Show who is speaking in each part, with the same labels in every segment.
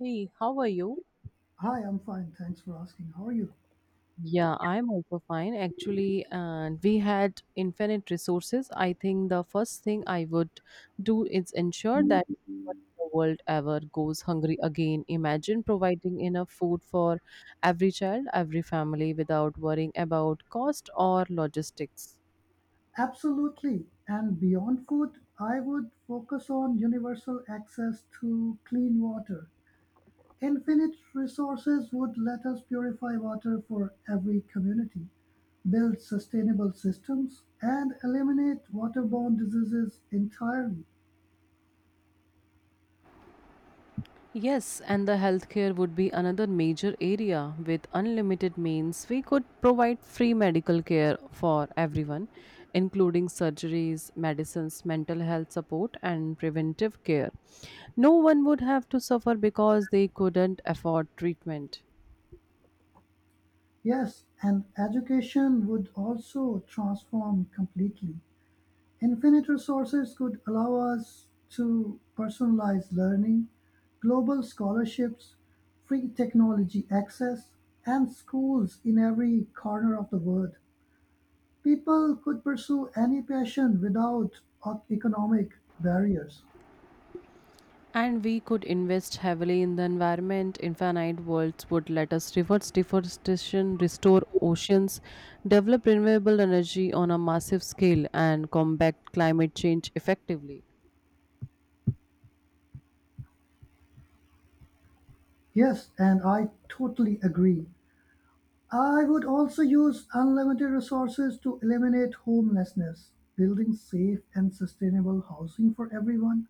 Speaker 1: Hey, how are you?
Speaker 2: Hi, I'm fine. Thanks for asking. How are you?
Speaker 1: Yeah, I'm also fine. Actually, and we had infinite resources. I think the first thing I would do is ensure that no one in the world ever goes hungry again. Imagine providing enough food for every child, every family without worrying about cost or logistics.
Speaker 2: Absolutely. And beyond food, I would focus on universal access to clean water. Infinite resources would let us purify water for every community, build sustainable systems, and eliminate waterborne diseases entirely.
Speaker 1: Yes, and the healthcare would be another major area. With unlimited means, we could provide free medical care for everyone, including surgeries, medicines, mental health support, and preventive care. No one would have to suffer because they couldn't afford treatment.
Speaker 2: Yes, and education would also transform completely. Infinite resources could allow us to personalize learning, global scholarships, free technology access, and schools in every corner of the world. People could pursue any passion without economic barriers.
Speaker 1: And we could invest heavily in the environment. Infinite worlds would let us reverse deforestation, restore oceans, develop renewable energy on a massive scale, and combat climate change effectively.
Speaker 2: Yes, and I totally agree. I would also use unlimited resources to eliminate homelessness, building safe and sustainable housing for everyone.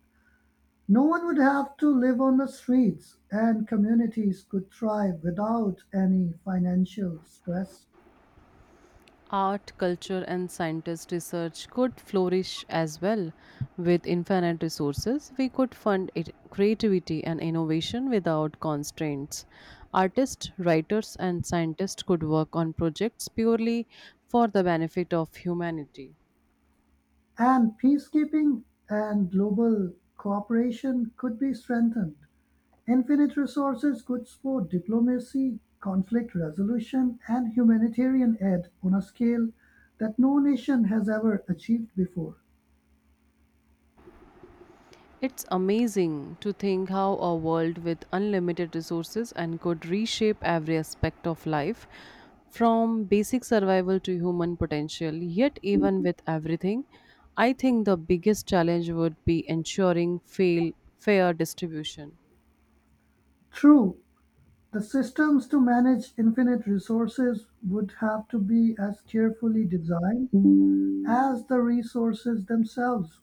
Speaker 2: No one would have to live on the streets, and communities could thrive without any financial stress.
Speaker 1: Art, culture, and scientist research could flourish as well. With infinite resources, we could fund it, creativity and innovation without constraints. Artists, writers, and scientists could work on projects purely for the benefit of humanity.
Speaker 2: And peacekeeping and global cooperation could be strengthened. Infinite resources could support diplomacy, conflict resolution, and humanitarian aid on a scale that no nation has ever achieved before.
Speaker 1: It's amazing to think how a world with unlimited resources and could reshape every aspect of life from basic survival to human potential. Yet, even with everything, I think the biggest challenge would be ensuring fair distribution.
Speaker 2: True, the systems to manage infinite resources would have to be as carefully designed as the resources themselves.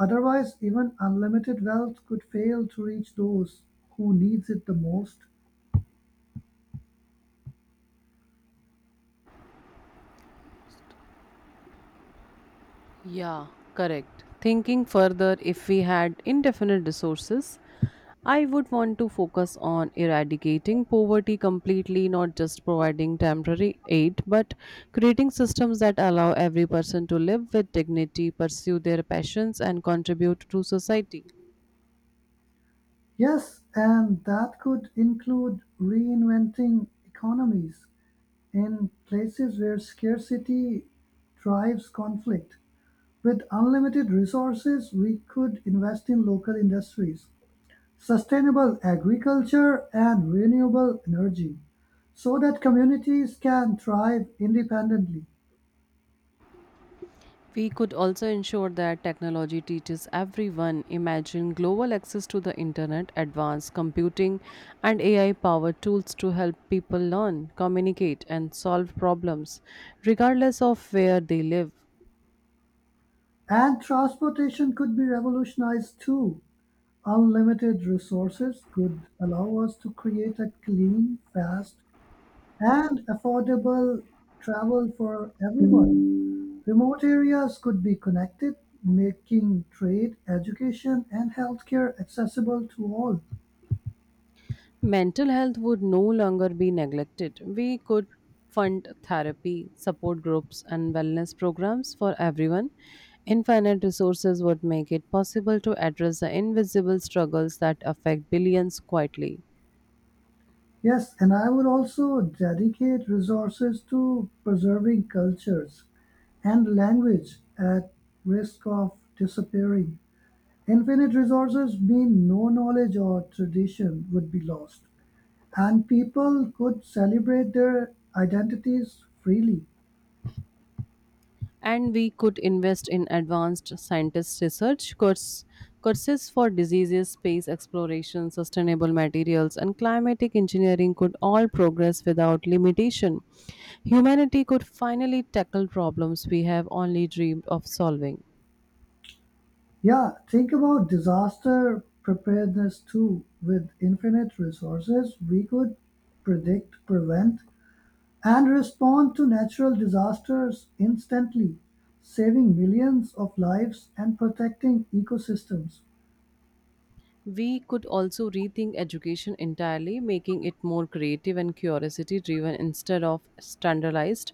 Speaker 2: Otherwise, even unlimited wealth could fail to reach those who needs it the most.
Speaker 1: Yeah, correct. Thinking further, if we had indefinite resources, I would want to focus on eradicating poverty completely, not just providing temporary aid, but creating systems that allow every person to live with dignity, pursue their passions, and contribute to society.
Speaker 2: Yes, and that could include reinventing economies in places where scarcity drives conflict. With unlimited resources, we could invest in local industries, sustainable agriculture, and renewable energy so that communities can thrive independently.
Speaker 1: We could also ensure that technology teaches everyone. Imagine global access to the internet, advanced computing, and AI powered tools to help people learn, communicate, and solve problems, regardless of where they live.
Speaker 2: And transportation could be revolutionized too. Unlimited resources could allow us to create a clean, fast, and affordable travel for everyone. Remote areas could be connected, making trade, education, and healthcare accessible to all.
Speaker 1: Mental health would no longer be neglected. We could fund therapy, support groups, and wellness programs for everyone. Infinite resources would make it possible to address the invisible struggles that affect billions quietly.
Speaker 2: Yes, and I would also dedicate resources to preserving cultures and language at risk of disappearing. Infinite resources mean no knowledge or tradition would be lost, and people could celebrate their identities freely.
Speaker 1: And we could invest in advanced scientist courses for diseases, space exploration, sustainable materials, and climatic engineering could all progress without limitation. Humanity could finally tackle problems we have only dreamed of solving.
Speaker 2: Yeah, think about disaster preparedness too. With infinite resources, we could predict, prevent, and respond to natural disasters instantly, saving millions of lives and protecting ecosystems.
Speaker 1: We could also rethink education entirely, making it more creative and curiosity driven instead of standardized.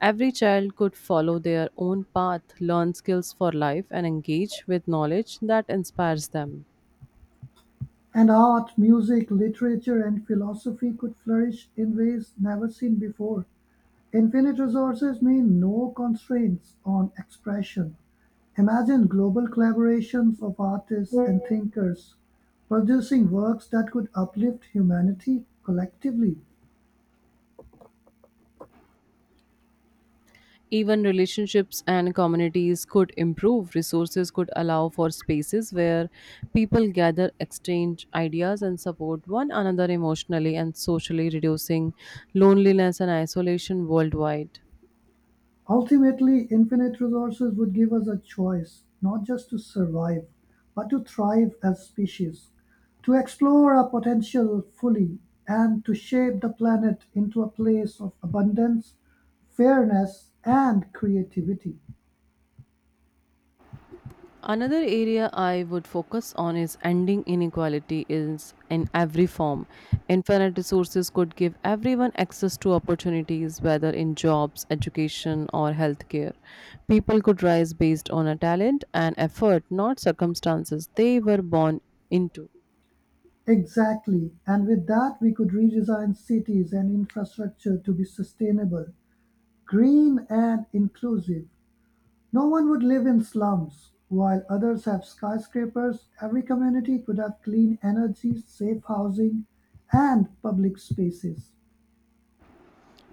Speaker 1: Every child could follow their own path, learn skills for life, and engage with knowledge that inspires them.
Speaker 2: And art, music, literature, and philosophy could flourish in ways never seen before. Infinite resources mean no constraints on expression. Imagine global collaborations of artists and thinkers producing works that could uplift humanity collectively.
Speaker 1: Even relationships and communities could improve. Resources could allow for spaces where people gather, exchange ideas, and support one another emotionally and socially, reducing loneliness and isolation worldwide.
Speaker 2: Ultimately, infinite resources would give us a choice, not just to survive, but to thrive as species, to explore our potential fully, and to shape the planet into a place of abundance, fairness, and creativity.
Speaker 1: Another area I would focus on is ending inequality is in every form. Infinite resources could give everyone access to opportunities, whether in jobs, education, or healthcare. People could rise based on a talent and effort, not circumstances they were born into.
Speaker 2: Exactly, and with that, we could redesign cities and infrastructure to be sustainable, green, and inclusive. No one would live in slums. While others have skyscrapers, every community could have clean energy, safe housing, and public spaces.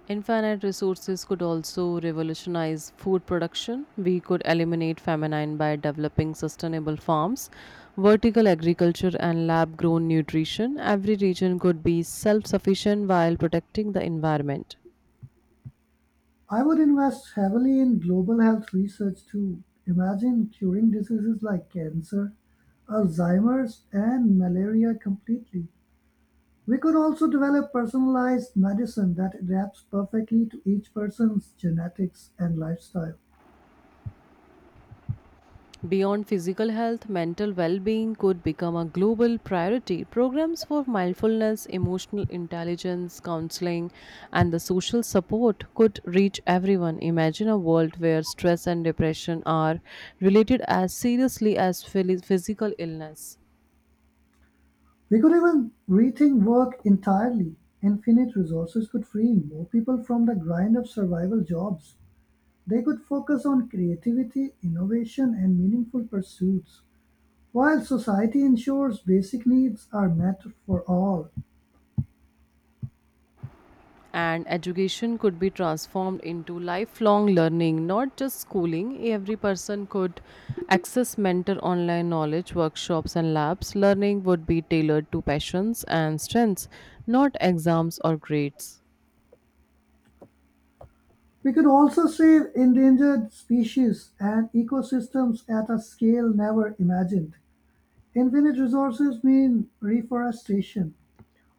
Speaker 1: Infinite resources could also revolutionize food production. We could eliminate famine by developing sustainable farms, vertical agriculture, and lab grown nutrition. Every region could be self sufficient while protecting the environment.
Speaker 2: I would invest heavily in global health research too. Imagine curing diseases like cancer, Alzheimer's, and malaria completely. We could also develop personalized medicine that adapts perfectly to each person's genetics and lifestyle.
Speaker 1: Beyond physical health, mental well being could become a global priority. Programs for mindfulness, emotional intelligence, counseling, and the social support could reach everyone. Imagine a world where stress and depression are related as seriously as physical illness.
Speaker 2: We could even rethink work entirely. Infinite resources could free more people from the grind of survival jobs. They could focus on creativity, innovation, and meaningful pursuits. While society ensures basic needs are met for all,
Speaker 1: And education could be transformed into lifelong learning, not just schooling. Every person could access mentor online knowledge, workshops, and labs. Learning would be tailored to passions and strengths, not exams or grades.
Speaker 2: we could also save endangered species and ecosystems at a scale never imagined. Infinite resources mean reforestation,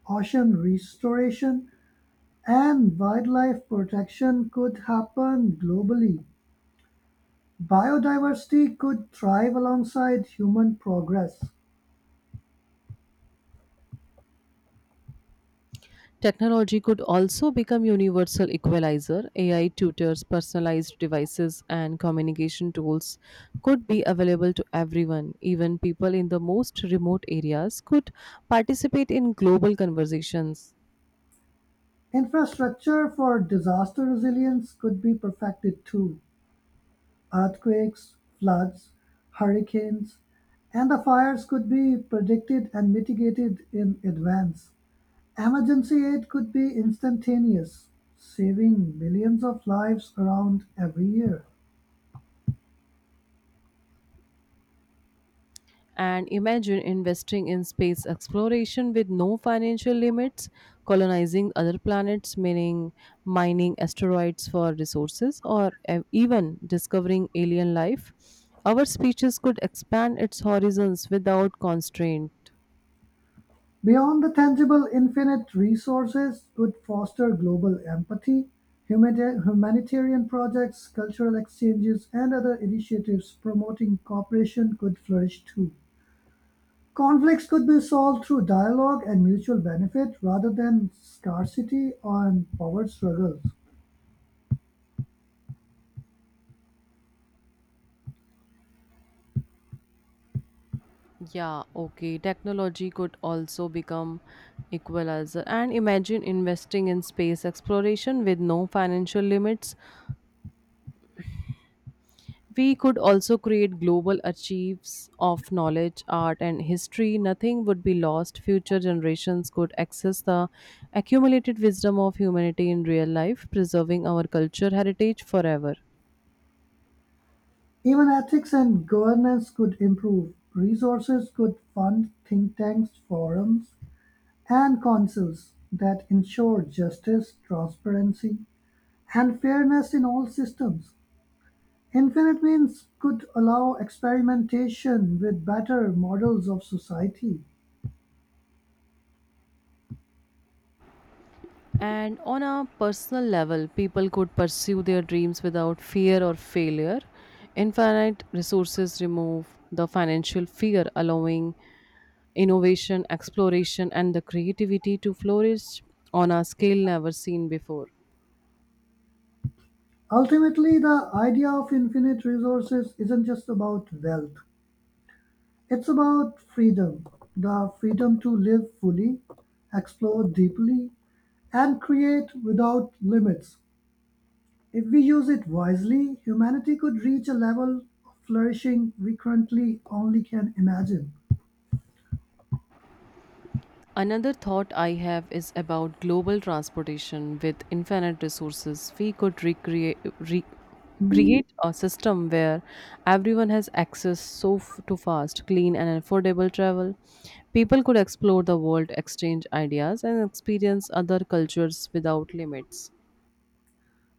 Speaker 2: ocean restoration, and wildlife protection could happen globally. Biodiversity could thrive alongside human progress.
Speaker 1: Technology could also become universal equalizer. AI tutors, personalized devices, and communication tools could be available to everyone. Even people in the most remote areas could participate in global conversations.
Speaker 2: Infrastructure for disaster resilience could be perfected too. Earthquakes, floods, hurricanes, and the fires could be predicted and mitigated in advance. Emergency aid could be instantaneous, saving millions of lives around every year.
Speaker 1: And imagine investing in space exploration with no financial limits, colonizing other planets, meaning mining asteroids for resources, or even discovering alien life. Our species could expand its horizons without constraint.
Speaker 2: Beyond the tangible, infinite resources would foster global empathy, humanitarian projects, cultural exchanges, and other initiatives promoting cooperation could flourish too. Conflicts could be solved through dialogue and mutual benefit rather than scarcity and power struggles.
Speaker 1: Yeah, okay. Technology could also become equalizer. And imagine investing in space exploration with no financial limits. We could also create global archives of knowledge, art, and history. Nothing would be lost. Future generations could access the accumulated wisdom of humanity in real life, preserving our culture heritage forever.
Speaker 2: Even ethics and governance could improve. Resources could fund think tanks, forums, and councils that ensure justice, transparency, and fairness in all systems. Infinite means could allow experimentation with better models of society.
Speaker 1: And on a personal level, people could pursue their dreams without fear or failure. Infinite resources remove the financial fear, allowing innovation, exploration, and the creativity to flourish on a scale never seen before.
Speaker 2: Ultimately, the idea of infinite resources isn't just about wealth, it's about freedom, the freedom to live fully, explore deeply, and create without limits. If we use it wisely, humanity could reach a level of flourishing we currently only can imagine.
Speaker 1: Another thought I have is about global transportation with infinite resources. We could re- create a system where everyone has access to fast, clean, and affordable travel. People could explore the world, exchange ideas, and experience other cultures without limits.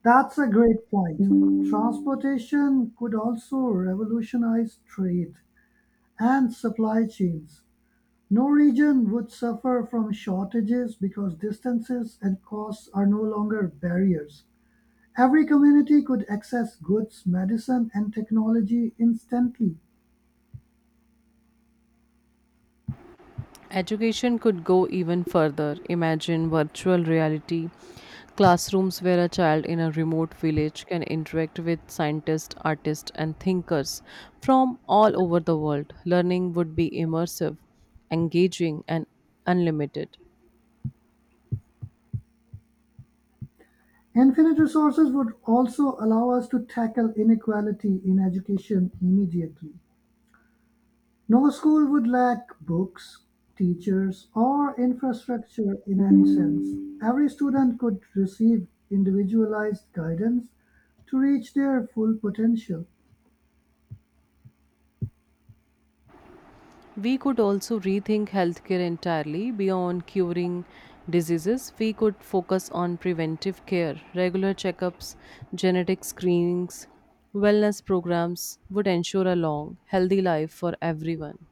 Speaker 2: That's a great point. Transportation could also revolutionize trade and supply chains. No region would suffer from shortages because distances and costs are no longer barriers. Every community could access goods, medicine, and technology instantly.
Speaker 1: Education could go even further. Imagine virtual reality classrooms where a child in a remote village can interact with scientists, artists, and thinkers from all over the world. Learning would be immersive, engaging, and unlimited.
Speaker 2: Infinite resources would also allow us to tackle inequality in education immediately. No school would lack books, teachers, or infrastructure in any sense. Every student could receive individualized guidance to reach their full potential.
Speaker 1: We could also rethink healthcare entirely beyond curing diseases. We could focus on preventive care, regular checkups, genetic screenings, wellness programs would ensure a long, healthy life for everyone.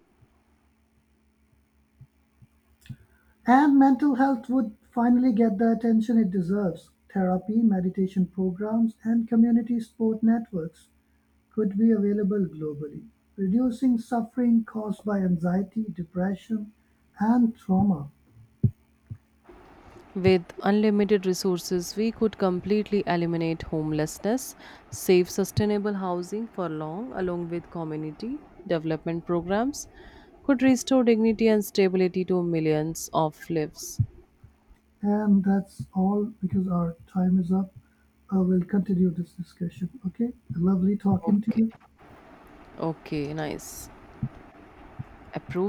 Speaker 2: And mental health would finally get the attention it deserves. Therapy, meditation programs, and community support networks could be available globally, reducing suffering caused by anxiety, depression, and trauma.
Speaker 1: With unlimited resources, we could completely eliminate homelessness, save sustainable housing for long, along with community development programs, could restore dignity and stability to millions of lives.
Speaker 2: And that's all because our time is up. We'll continue this discussion. Okay. Lovely talking to
Speaker 1: Okay.
Speaker 2: you.
Speaker 1: Okay, nice. Approve.